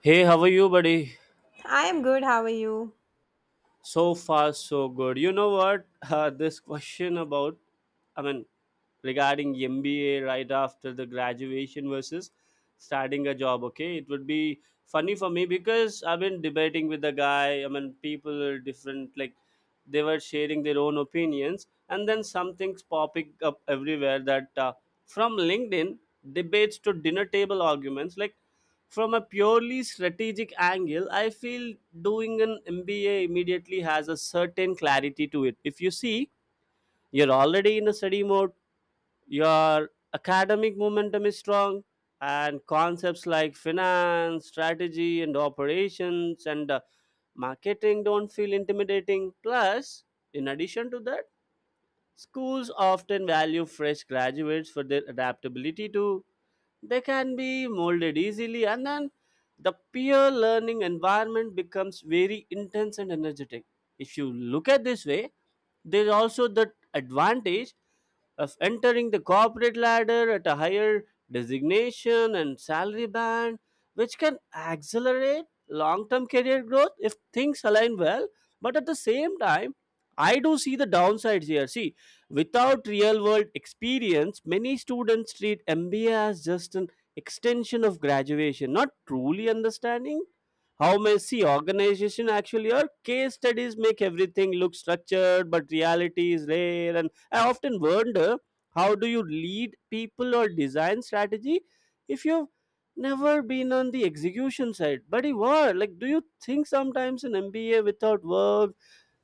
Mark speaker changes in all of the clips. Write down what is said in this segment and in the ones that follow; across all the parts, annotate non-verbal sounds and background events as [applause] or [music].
Speaker 1: Hey, how are you, buddy?
Speaker 2: I am good. How are you?
Speaker 1: So far, so good. You know what? [laughs] This question about, I mean, regarding MBA right after the graduation versus starting a job, okay? It would be funny for me because I've been debating with the guy. I mean, people are different, like, they were sharing their own opinions. And then something's popping up everywhere that from LinkedIn debates to dinner table arguments, like, from a purely strategic angle, I feel doing an MBA immediately has a certain clarity to it. If you see, you're already in a study mode, your academic momentum is strong, and concepts like finance, strategy, and operations, and marketing don't feel intimidating. Plus, in addition to that, schools often value fresh graduates for their adaptability too. They can be molded easily, and then the peer learning environment becomes very intense and energetic. If you look at this way, there is also the advantage of entering the corporate ladder at a higher designation and salary band, which can accelerate long term career growth if things align well. But at the same time, I do see the downsides here. See, without real world experience, many students treat MBA as just an extension of graduation, not truly understanding how messy organization actually are. Case studies make everything look structured, but reality is rare. And I often wonder, how do you lead people or design strategy if you've never been on the execution side? Buddy, what? Like, do you think sometimes an MBA without work,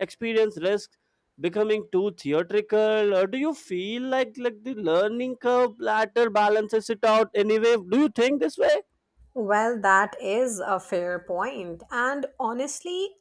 Speaker 1: experience, risk, becoming too theatrical, or do you feel like the learning curve latter balances it out anyway? Do you think this way?
Speaker 2: Well, that is a fair point. And honestly,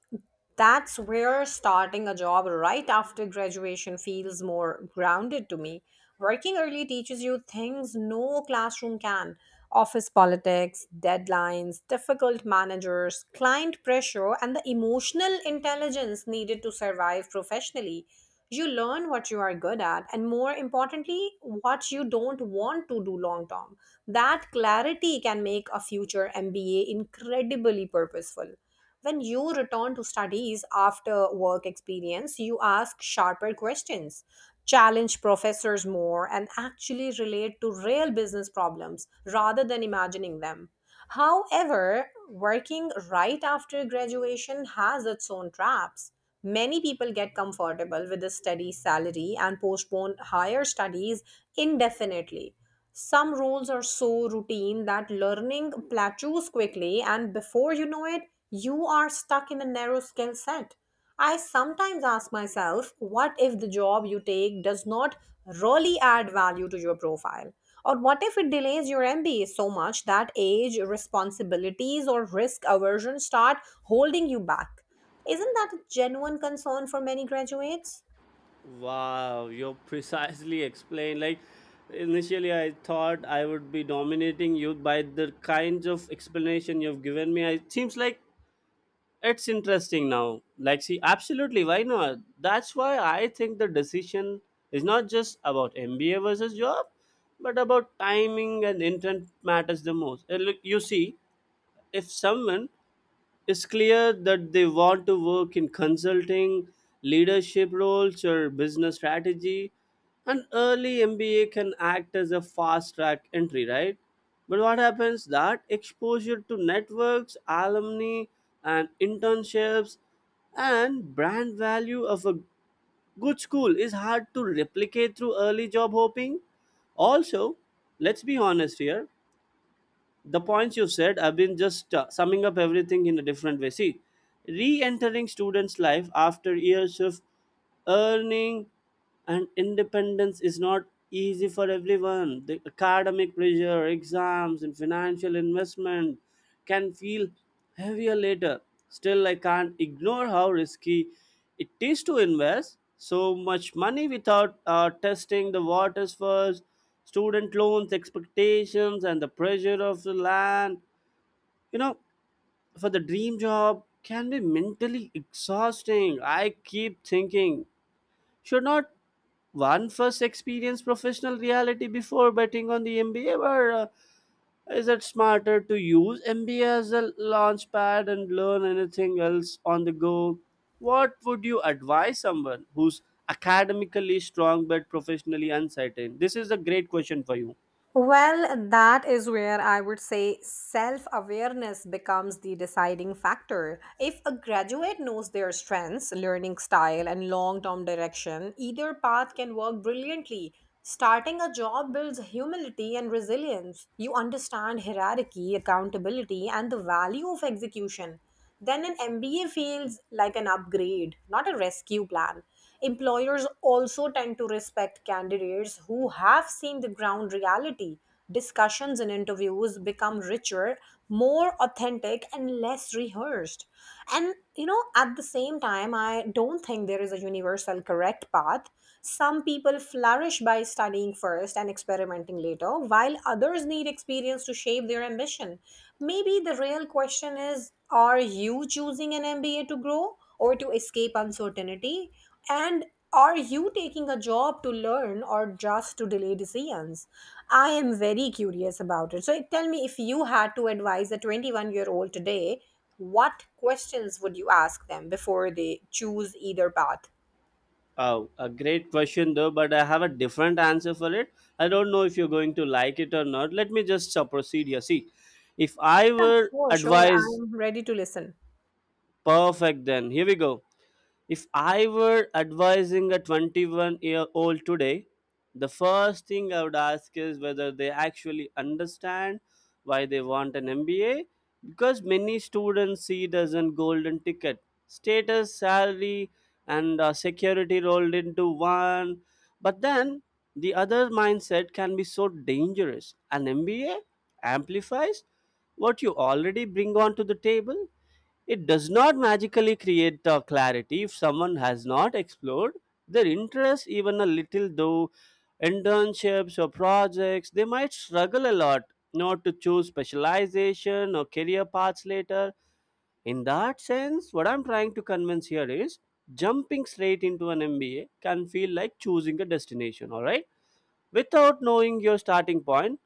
Speaker 2: that's where starting a job right after graduation feels more grounded to me. Working early teaches you things no classroom can: office politics, deadlines, difficult managers, client pressure, and the emotional intelligence needed to survive professionally. You learn what you are good at, and more importantly, what you don't want to do long term. That clarity can make a future MBA incredibly purposeful. When you return to studies after work experience, you ask sharper questions, challenge professors more, and actually relate to real business problems rather than imagining them. However, working right after graduation has its own traps. Many people get comfortable with a steady salary and postpone higher studies indefinitely. Some roles are so routine that learning plateaus quickly, and before you know it, you are stuck in a narrow skill set. I sometimes ask myself, what if the job you take does not really add value to your profile? Or what if it delays your MBA so much that age, responsibilities, or risk aversion start holding you back? Isn't that a genuine concern for many graduates?
Speaker 1: Wow, you precisely explained. Like, initially, I thought I would be dominating you by the kinds of explanation you've given me. It seems like it's interesting now. Like, see, absolutely, why not? That's why I think the decision is not just about MBA versus job, but about timing and intent matters the most. And look, you see, if someone, it's clear that they want to work in consulting, leadership roles, or business strategy. An early MBA can act as a fast track entry, right? But what happens, that exposure to networks, alumni, and internships, and brand value of a good school is hard to replicate through early job hopping. Also, let's be honest here, the points you've said, I've been just summing up everything in a different way. See, re-entering students life after years of earning and independence is not easy for everyone. The academic pressure, exams, and financial investment can feel heavier later. Still, I can't ignore how risky it is to invest so much money without testing the waters first, student loans, expectations, and the pressure of the land. You know, for the dream job can be mentally exhausting. I keep thinking, should not one first experience professional reality before betting on the MBA, or is it smarter to use MBA as a launchpad and learn anything else on the go? What would you advise someone who's academically strong but professionally uncertain? This is a great question for you.
Speaker 2: Well, that is where I would say self awareness becomes the deciding factor. If a graduate knows their strengths, learning style, and long term direction, either path can work brilliantly. Starting a job builds humility and resilience. You understand hierarchy, accountability, and the value of execution. Then an MBA feels like an upgrade, not a rescue plan. Employers also tend to respect candidates who have seen the ground reality. Discussions and interviews become richer, more authentic, and less rehearsed. And you know, at the same time, I don't think there is a universal correct path. Some people flourish by studying first and experimenting later, while others need experience to shape their ambition. Maybe the real question is, are you choosing an MBA to grow, or to escape uncertainty? And are you taking a job to learn or just to delay decisions? I am very curious about it. So tell me, if you had to advise a 21-year-old year old today, what questions would you ask them before they choose either path?
Speaker 1: Oh, a great question though, but I have a different answer for it. I don't know if you're going to like it or not. Let me just proceed here. See, if I were
Speaker 2: Sure, sure.
Speaker 1: advised,
Speaker 2: I'm ready to listen.
Speaker 1: perfect, then here we go. If I were advising a 21-year-old today, the first thing I would ask is whether they actually understand why they want an MBA, because many students see it as a golden ticket. Status, salary, and security rolled into one. But then the other mindset can be so dangerous. An MBA amplifies what you already bring onto the table. It does not magically create clarity. If someone has not explored their interests even a little, though internships or projects, they might struggle a lot not to choose specialization or career paths later. In that sense, what I'm trying to convince here is jumping straight into an MBA can feel like choosing a destination, all right? Without knowing your starting point,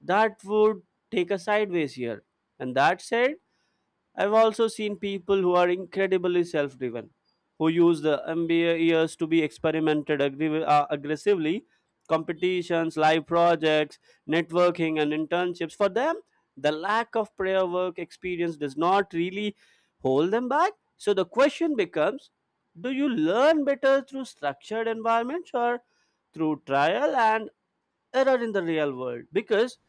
Speaker 1: that would take a sideways here. And that said, I've also seen people who are incredibly self driven, who use the MBA years to be experimented aggressively, competitions, live projects, networking, and internships. For them, the lack of prior work experience does not really hold them back. So the question becomes, do you learn better through structured environments or through trial and error in the real world? Because,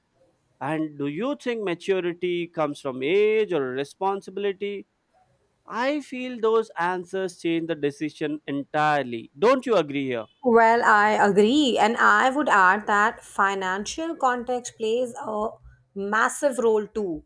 Speaker 1: and do you think maturity comes from age or responsibility? I feel those answers change the decision entirely. Don't you agree here?
Speaker 2: Well, I agree. And I would add that financial context plays a massive role too.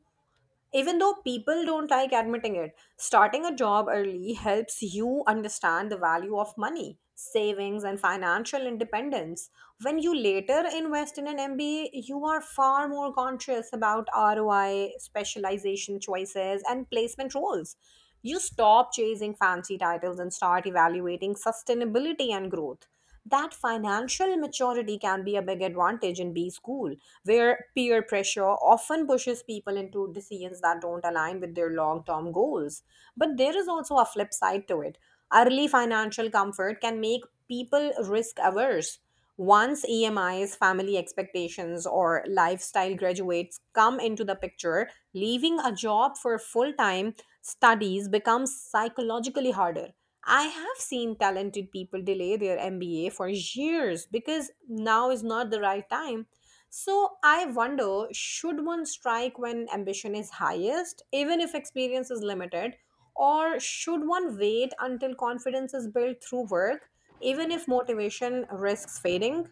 Speaker 2: Even though people don't like admitting it, starting a job early helps you understand the value of money, savings, and financial independence. When you later invest in an MBA, you are far more conscious about ROI, specialization choices, and placement roles. You stop chasing fancy titles and start evaluating sustainability and growth. That financial maturity can be a big advantage in B school, where peer pressure often pushes people into decisions that don't align with their long term goals. But there is also a flip side to it. Early financial comfort can make people risk averse. Once EMIs, family expectations, or lifestyle graduates come into the picture, leaving a job for full time studies becomes psychologically harder. I have seen talented people delay their MBA for years because now is not the right time. So I wonder, should one strike when ambition is highest, even if experience is limited, or should one wait until confidence is built through work, even if motivation risks fading?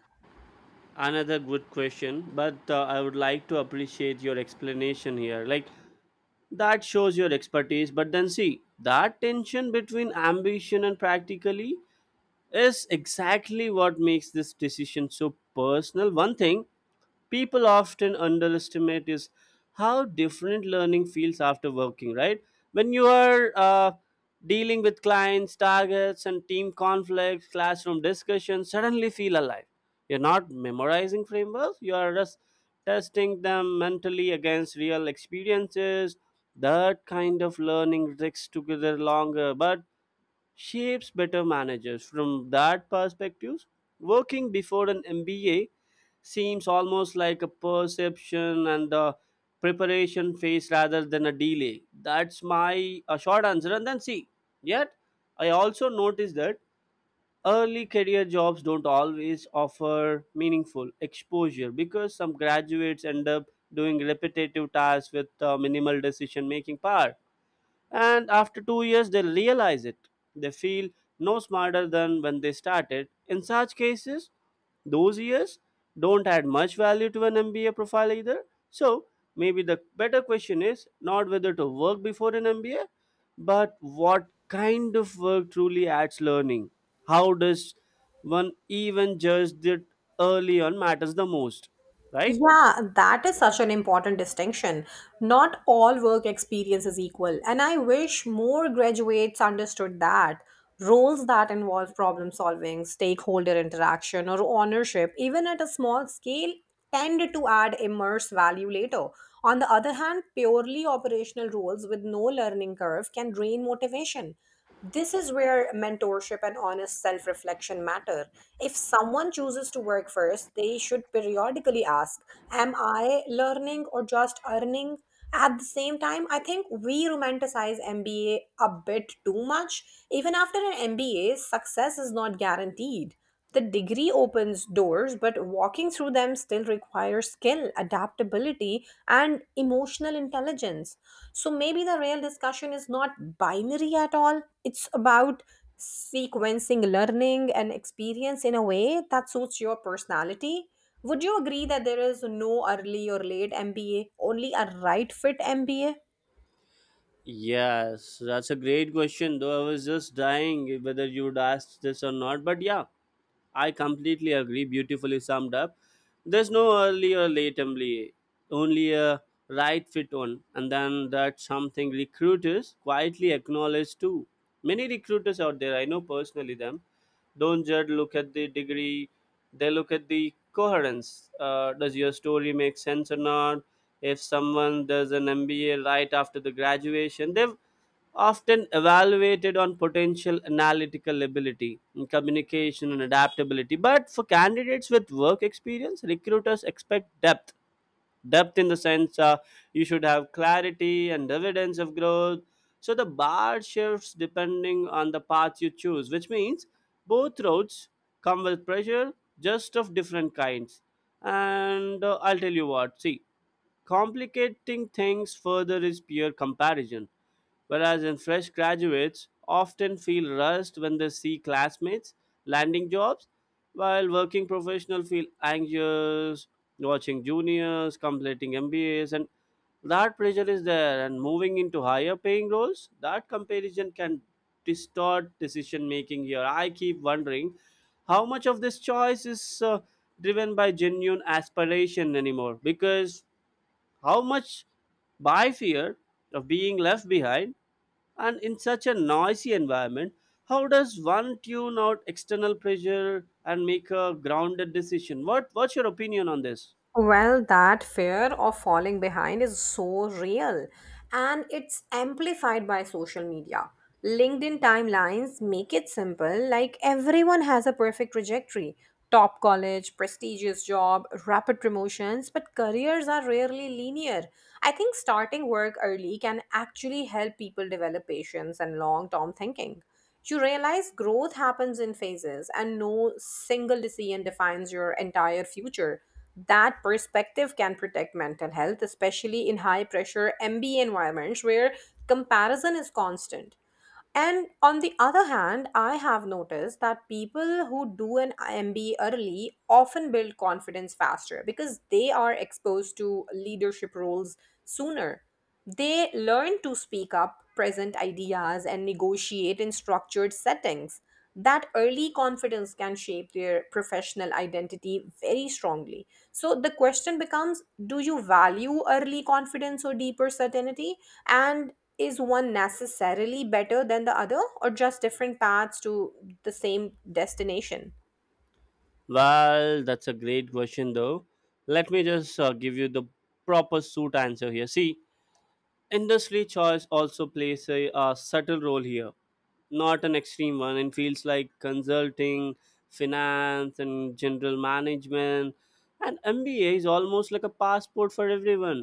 Speaker 1: Another good question, but I would like to appreciate your explanation here. Like, that shows your expertise, but then see, that tension between ambition and practically is exactly what makes this decision so personal. One thing people often underestimate is how different learning feels after working, right? When you are dealing with clients, targets, and team conflicts, classroom discussions suddenly feel alive. You're not memorizing frameworks, you are just testing them mentally against real experiences. That kind of learning takes together longer but shapes better managers. From that perspective, working before an MBA seems almost like a perception and a preparation phase rather than a delay. That's my short answer. And then see, yet I also noticed that early career jobs don't always offer meaningful exposure, because some graduates end up doing repetitive tasks with minimal decision making power, and after two years, they realize it. They feel no smarter than when they started. In such cases, those years don't add much value to an MBA profile either. So maybe the better question is not whether to work before an MBA, but what kind of work truly adds learning. How does one even judge that early on matters the most, right?
Speaker 2: Yeah, that is such an important distinction. Not all work experience is equal, and I wish more graduates understood that. Roles that involve problem solving, stakeholder interaction, or ownership, even at a small scale, tend to add immense value later. On the other hand, purely operational roles with no learning curve can drain motivation. This is where mentorship and honest self reflection matter. If someone chooses to work first, they should periodically ask, am I learning or just earning? At the same time, I think we romanticize MBA a bit too much. Even after an MBA, success is not guaranteed. The degree opens doors, but walking through them still requires skill, adaptability, and emotional intelligence. So maybe the real discussion is not binary at all. It's about sequencing learning and experience in a way that suits your personality. Would you agree that there is no early or late MBA, only a right fit MBA?
Speaker 1: Yes, that's a great question. Though I was just dying whether you would ask this or not. But yeah, I completely agree. Beautifully summed up. There's no early or late only, only a right fit one, and then that's something recruiters quietly acknowledge too. Many recruiters out there, I know personally them, don't just look at the degree, they look at the coherence. Does your story make sense or not? If someone does an MBA right after the graduation, they've often evaluated on potential, analytical ability, communication, and adaptability. But for candidates with work experience, recruiters expect depth. Depth in the sense, you should have clarity and evidence of growth. So the bar shifts depending on the path you choose, which means both roads come with pressure, just of different kinds. And I'll tell you what. See, complicating things further is peer comparison, whereas in fresh graduates often feel rushed when they see classmates landing jobs, while working professionals feel anxious watching juniors completing MBAs. And that pressure is there, and moving into higher paying roles, that comparison can distort decision making here. I keep wondering, how much of this choice is driven by genuine aspiration anymore, because how much by fear of being left behind? And in such a noisy environment, how does one tune out external pressure and make a grounded decision? What, what's your opinion on this?
Speaker 2: Well, that fear of falling behind is so real, and it's amplified by social media. LinkedIn timelines make it simple, like everyone has a perfect trajectory: top college, prestigious job, rapid promotions, but careers are rarely linear. I think starting work early can actually help people develop patience and long term thinking. You realize growth happens in phases, and no single decision defines your entire future. That perspective can protect mental health, especially in high pressure MBA environments where comparison is constant. And on the other hand, I have noticed that people who do an MBA early often build confidence faster because they are exposed to leadership roles sooner. They learn to speak up, present ideas, and negotiate in structured settings. That early confidence can shape their professional identity very strongly. So the question becomes, do you value early confidence or deeper certainty? And is one necessarily better than the other, or just different paths to the same destination?
Speaker 1: Well, that's a great question, though. Let me just give you the proper suit answer here. See, industry choice also plays a subtle role here, not an extreme one. In fields like consulting, finance, and general management, And MBA is almost like a passport for everyone,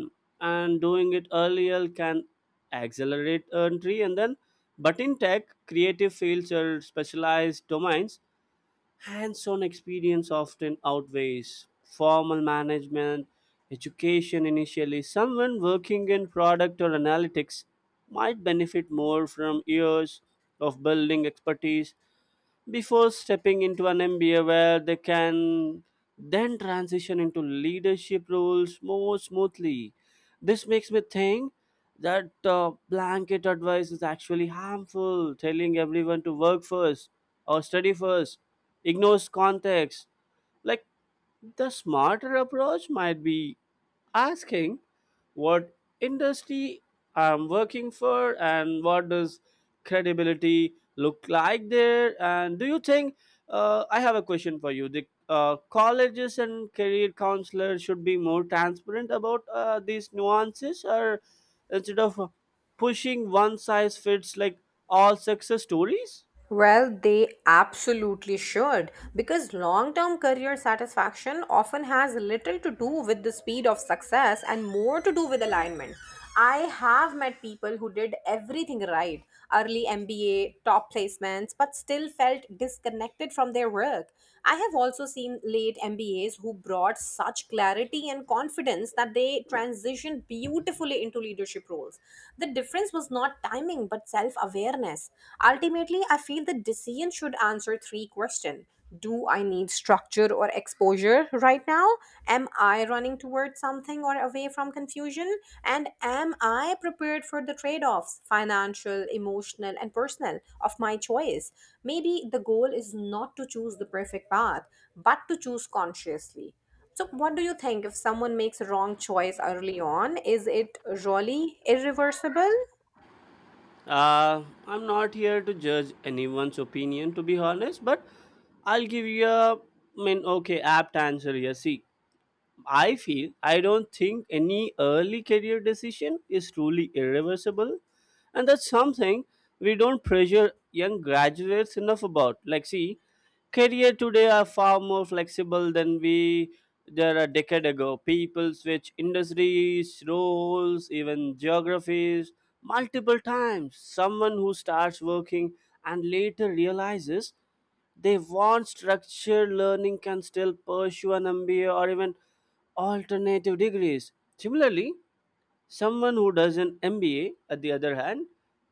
Speaker 1: and doing it earlier can accelerate entry. And then, but in tech, creative fields, or specialized domains, hands on experience often outweighs formal management education initially. Someone working in product or analytics might benefit more from years of building expertise before stepping into an MBA, where they can then transition into leadership roles more smoothly. This makes me think that blanket advice is actually harmful. Telling everyone to work first or study first ignores context. Like, the smarter approach might be asking, what industry I'm working for and what does credibility look like there? And do you think, I have a question for you, the colleges and career counselors should be more transparent about these nuances, or instead of pushing one size fits like all success stories?
Speaker 2: Well, they absolutely should, because long term career satisfaction often has little to do with the speed of success and more to do with alignment. I have met people who did everything right, early MBA, top placements, but still felt disconnected from their work. I have also seen late MBAs who brought such clarity and confidence that they transitioned beautifully into leadership roles. The difference was not timing but self awareness. Ultimately, I feel the decision should answer three questions. Do I need structure or exposure right now? Am I running towards something or away from confusion? And am I prepared for the trade offs, financial, emotional, and personal, of my choice? Maybe the goal is not to choose the perfect path, but to choose consciously. So, what do you think if someone makes a wrong choice early on? Is it really irreversible?
Speaker 1: I'm not here to judge anyone's opinion, to be honest, but I'll give you a, I mean, okay, apt answer here. See, I feel, I don't think any early career decision is truly irreversible, and that's something we don't pressure young graduates enough about. Like, see, career today are far more flexible than we there a decade ago. People switch industries, roles, even geographies multiple times. Someone who starts working and later realizes they want structured learning can still pursue an MBA or even alternative degrees. Similarly, someone who does an MBA, at the other hand,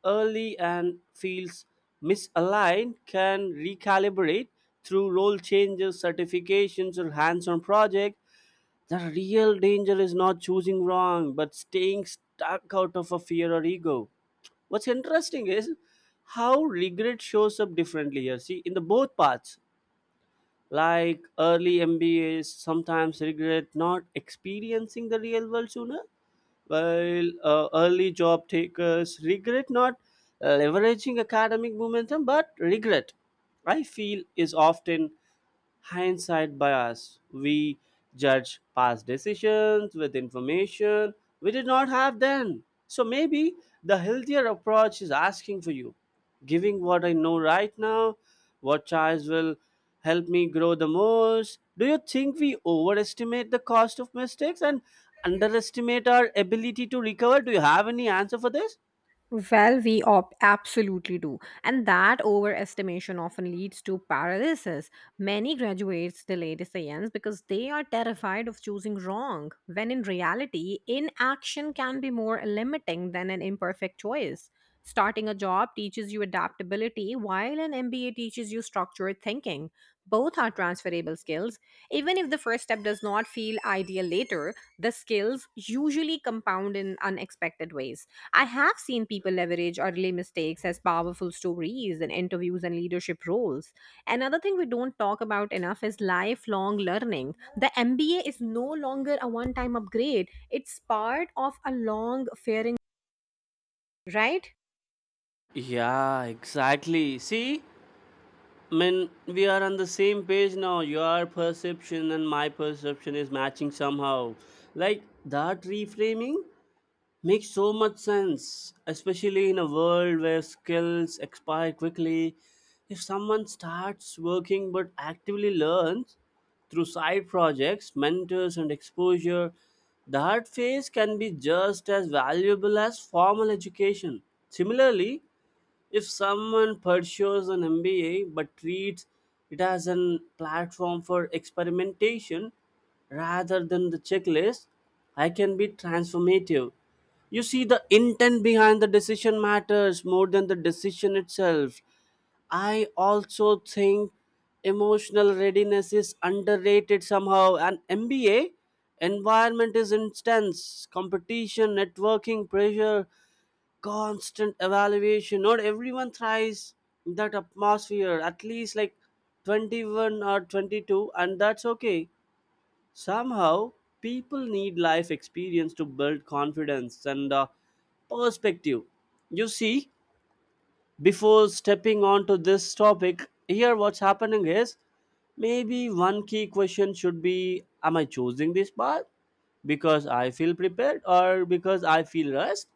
Speaker 1: early and feels misaligned can recalibrate through role changes, certifications, or hands on projects. The real danger is not choosing wrong, but staying stuck out of a fear or ego. What's interesting is how regret shows up differently here. See, in the both parts, like early MBAs, sometimes regret not experiencing the real world sooner while early job takers regret not leveraging academic momentum, but regret I feel is often hindsight bias. We judge past decisions with information we did not have then. So maybe the healthier approach is asking for you, giving what I know right now, what choice will help me grow the most. Do you think we overestimate the cost of mistakes and underestimate our ability to recover? Do you have any answer for this?
Speaker 2: Well, we absolutely do. And that overestimation often leads to paralysis. Many graduates delay decisions because they are terrified of choosing wrong, when in reality, inaction can be more limiting than an imperfect choice. Starting a job teaches you adaptability, while an MBA teaches you structured thinking. Both are transferable skills. Even if the first step does not feel ideal later, the skills usually compound in unexpected ways. I have seen people leverage early mistakes as powerful stories in interviews and leadership roles. Another thing we don't talk about enough is lifelong learning. The MBA is no longer a one time upgrade, it's part of a long fairing, right?
Speaker 1: Yeah, exactly. See, I mean, we are on the same page now. Your perception and my perception is matching somehow. Like, that reframing makes so much sense, especially in a world where skills expire quickly. If someone starts working but actively learns through side projects, mentors, and exposure, that phase can be just as valuable as formal education. Similarly, if someone pursues an MBA but treats it as a platform for experimentation rather than the checklist, I can be transformative. You see, the intent behind the decision matters more than the decision itself. I also think emotional readiness is underrated somehow. An MBA environment is intense, competition, networking, pressure, constant evaluation. Not everyone thrives in that atmosphere, at least like 21 or 22, and that's okay. Somehow, people need life experience to build confidence and perspective. You see, before stepping on to this topic, here what's happening is maybe one key question should be, am I choosing this path because I feel prepared or because I feel rushed?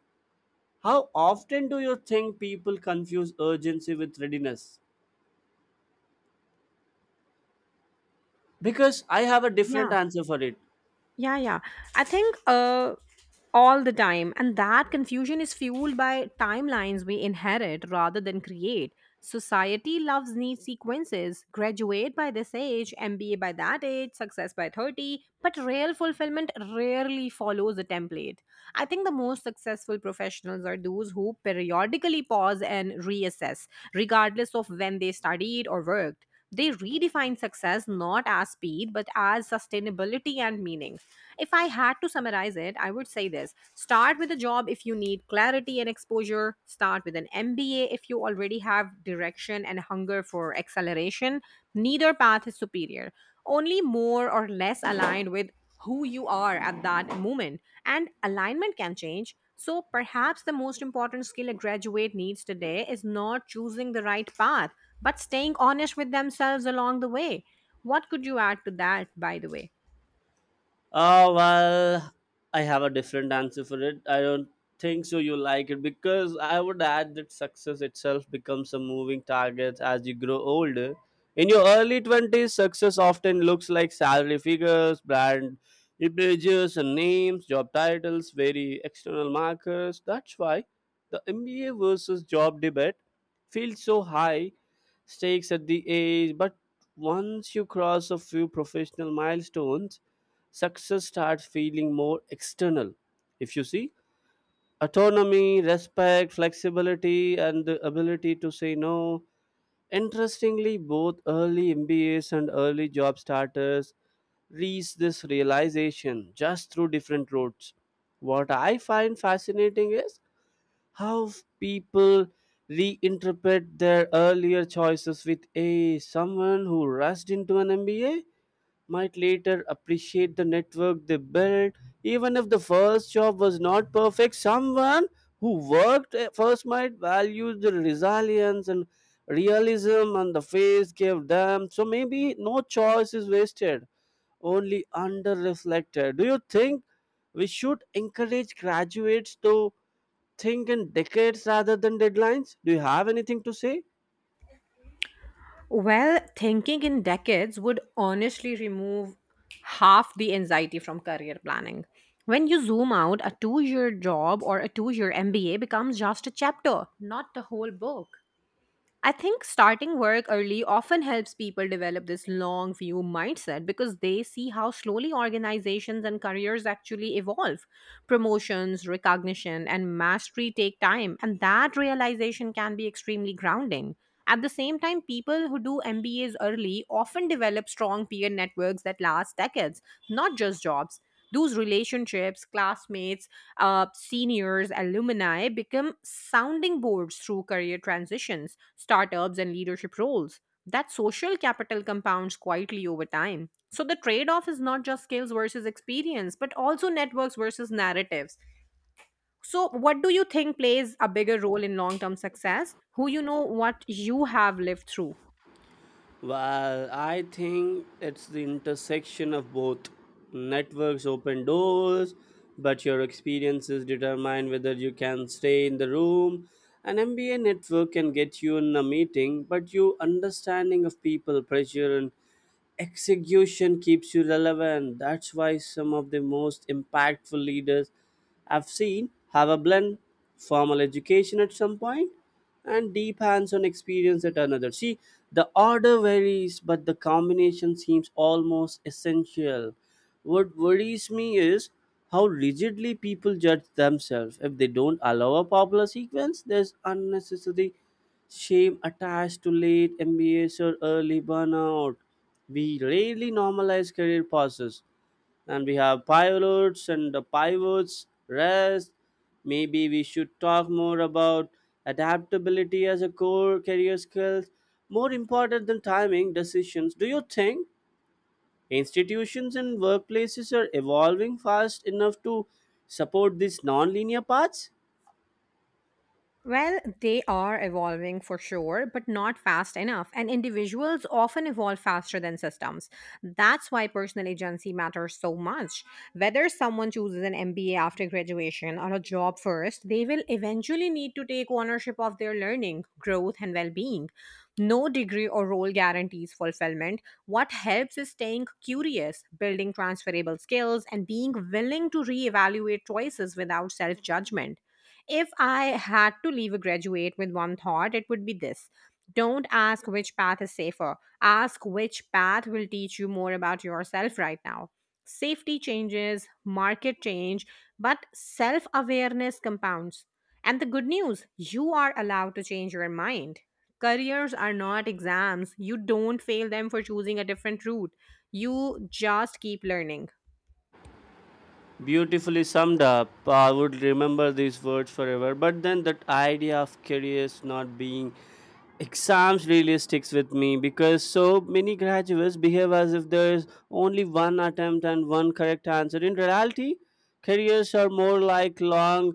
Speaker 1: How often do you think people confuse urgency with readiness? Because I have a different
Speaker 2: Yeah.
Speaker 1: answer for it.
Speaker 2: Yeah, yeah. I think all the time, and that confusion is fueled by timelines we inherit rather than create. Society loves neat sequences: graduate by this age, MBA by that age, success by 30, but real fulfillment rarely follows a template. I think the most successful professionals are those who periodically pause and reassess, regardless of when they studied or worked. They redefine success not as speed, but as sustainability and meaning. If I had to summarize it, I would say this: start with a job if you need clarity and exposure, start with an MBA if you already have direction and hunger for acceleration. Neither path is superior, only more or less aligned with who you are at that moment, and alignment can change. So perhaps the most important skill a graduate needs today is not choosing the right path, but staying honest with themselves along the way. What could you add to that, by the way?
Speaker 1: Well, I have a different answer for it. I don't think so you like it, because I would add that success itself becomes a moving target as you grow older. In your early 20s, success often looks like salary figures, brand images and names, job titles, very external markers. That's why the MBA versus job debate feels so high stakes at the age, but once you cross a few professional milestones, success starts feeling more external. If you see, autonomy, respect, flexibility, and the ability to say no. Interestingly, both early MBAs and early job starters reach this realization just through different routes. What I find fascinating is how people reinterpret their earlier choices with a someone who rushed into an MBA might later appreciate the network they built. Even if the first job was not perfect, someone who worked at first might value the resilience and realism and the face gave them. So maybe no choice is wasted, only under reflected. Do you think we should encourage graduates to think in decades rather than deadlines? Do you have anything to say?
Speaker 2: Well, thinking in decades would honestly remove half the anxiety from career planning. When you zoom out, a 2-year job or a 2-year MBA becomes just a chapter, not the whole book. I think starting work early often helps people develop this long view mindset, because they see how slowly organizations and careers actually evolve. Promotions, recognition, and mastery take time, and that realization can be extremely grounding. At the same time, people who do MBAs early often develop strong peer networks that last decades, not just jobs. Those relationships, classmates, seniors, alumni, become sounding boards through career transitions, startups, and leadership roles. That social capital compounds quietly over time. So the trade off is not just skills versus experience, but also networks versus narratives. So, what do you think plays a bigger role in long term success? Who you know, what you have lived through?
Speaker 1: Well, I think it's the intersection of both. Networks open doors, but your experiences determine whether you can stay in the room. An MBA network can get you in a meeting, but your understanding of people, pressure, and execution keeps you relevant. That's why some of the most impactful leaders I've seen have a blend, formal education at some point and deep hands on experience at another. See, the order varies, but the combination seems almost essential. What worries me is how rigidly people judge themselves. If they don't allow a popular sequence, there's unnecessary shame attached to late MBAs or early burnout. We rarely normalize career pauses. And we have pilots and the pivots, rest. Maybe we should talk more about adaptability as a core career skill, more important than timing decisions. Do you think institutions and workplaces are evolving fast enough to support these non-linear paths?
Speaker 2: Well, they are evolving for sure, but not fast enough. And individuals often evolve faster than systems. That's why personal agency matters so much. Whether someone chooses an MBA after graduation or a job first, they will eventually need to take ownership of their learning, growth, and well being. No degree or role guarantees fulfillment. What helps is staying curious, building transferable skills, and being willing to reevaluate choices without self judgment. If I had to leave a graduate with one thought, it would be this: don't ask which path is safer, ask which path will teach you more about yourself right now. Safety changes, market change, but self awareness compounds. And the good news, you are allowed to change your mind. Careers are not exams. You don't fail them for choosing a different route. You just keep learning.
Speaker 1: Beautifully summed up. I would remember these words forever. But then that idea of careers not being exams really sticks with me because so many graduates behave as if there is only one attempt and one correct answer. In reality, careers are more like long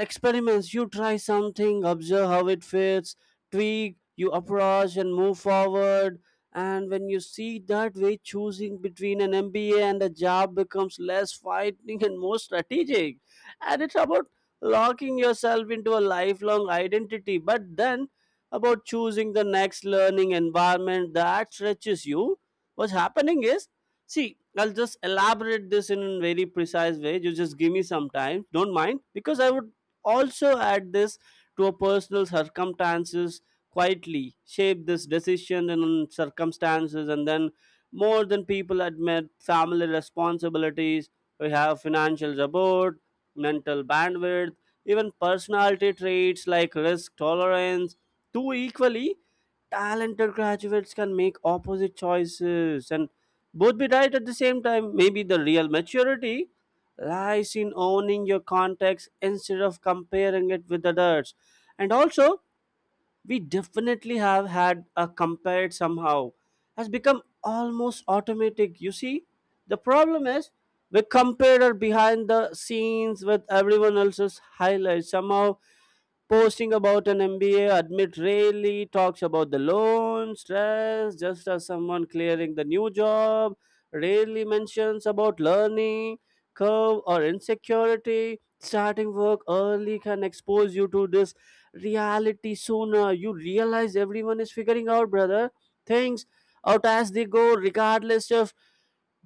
Speaker 1: experiments. You try something, observe how it fits, tweak you approach, and move forward. And when you see that way, choosing between an MBA and a job becomes less fighting and more strategic. And it's about locking yourself into a lifelong identity, but then about choosing the next learning environment that stretches you. What's happening is, see, I'll just elaborate this in a very precise way. You just give me some time, don't mind, because I would also add this to a personal circumstances quietly shape this decision and circumstances, and then more than people admit, family responsibilities. We have financial support, mental bandwidth, even personality traits like risk tolerance, too. Equally talented graduates can make opposite choices and both be right at the same time. Maybe the real maturity lies in owning your context instead of comparing it with others. And also, we definitely have had a compared somehow has become almost automatic. You see, the problem is we compare our behind the scenes with everyone else's highlights somehow. Posting about an MBA admit rarely talks about the loan stress, just as someone clearing the new job rarely mentions about learning curve or insecurity. Starting work early can expose you to this reality sooner. You realize everyone is figuring out, brother, things out as they go, regardless of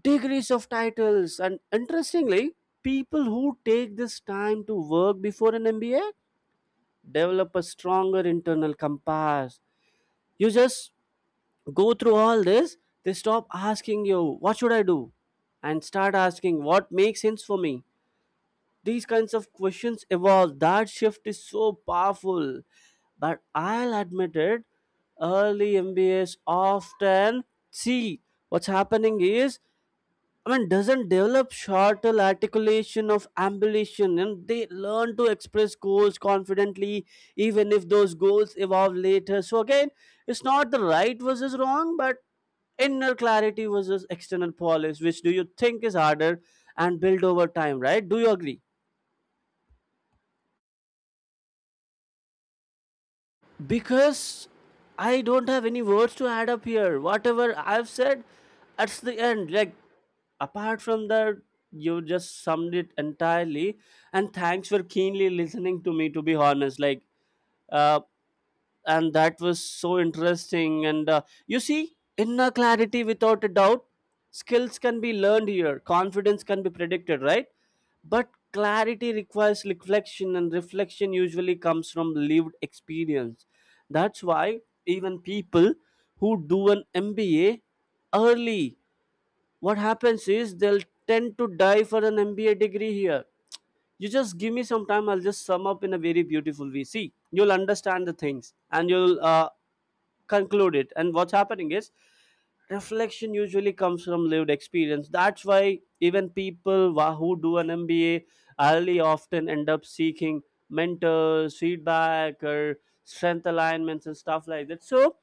Speaker 1: degrees of titles. And interestingly, people who take this time to work before an MBA develop a stronger internal compass. You just go through all this, they stop asking you, what should I do? And start asking, what makes sense for me? These kinds of questions evolve. That shift is so powerful. But I'll admit it, early MBAs often see what's happening is, I mean, doesn't develop shorter articulation of ambition, and they learn to express goals confidently, even if those goals evolve later. So again, it's not the right versus wrong, but inner clarity versus external polish. Which do you think is harder and build over time, right? Do you agree? Because I don't have any words to add up here. Whatever I've said, that's the end. Like, apart from that, you just summed it entirely. And thanks for keenly listening to me, to be honest. Like, uh, and that was so interesting and you see, inner clarity without a doubt, skills can be learned here, confidence can be predicted, right? But clarity requires reflection, and reflection usually comes from lived experience. That's why even people who do an MBA early, what happens is they'll tend to die for an MBA degree here. You just give me some time, I'll just sum up in a very beautiful way. See, you'll understand the things and you'll conclude it. And what's happening is reflection usually comes from lived experience. That's why even people who do an MBA early often end up seeking mentors feedback or strength alignments and stuff like that. So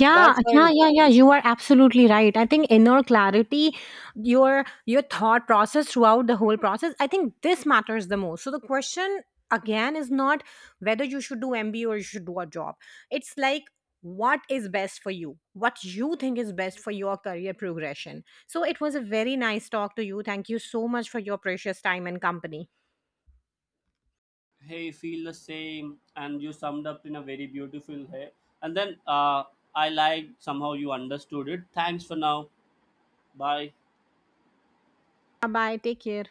Speaker 2: Yeah,
Speaker 1: that's why,
Speaker 2: yeah, yeah, yeah. You are absolutely right. I think inner clarity, your thought process throughout the whole process, I think this matters the most. So the question again is not whether you should do MBA or you should do a job. It's like, what is best for you? What you think is best for your career progression. So it was a very nice talk to you. Thank you so much for your precious time and company.
Speaker 1: hey, feel the same and you summed up in a very beautiful way. And then I like somehow you understood it. Thanks for now. Bye.
Speaker 2: Bye bye. Take care.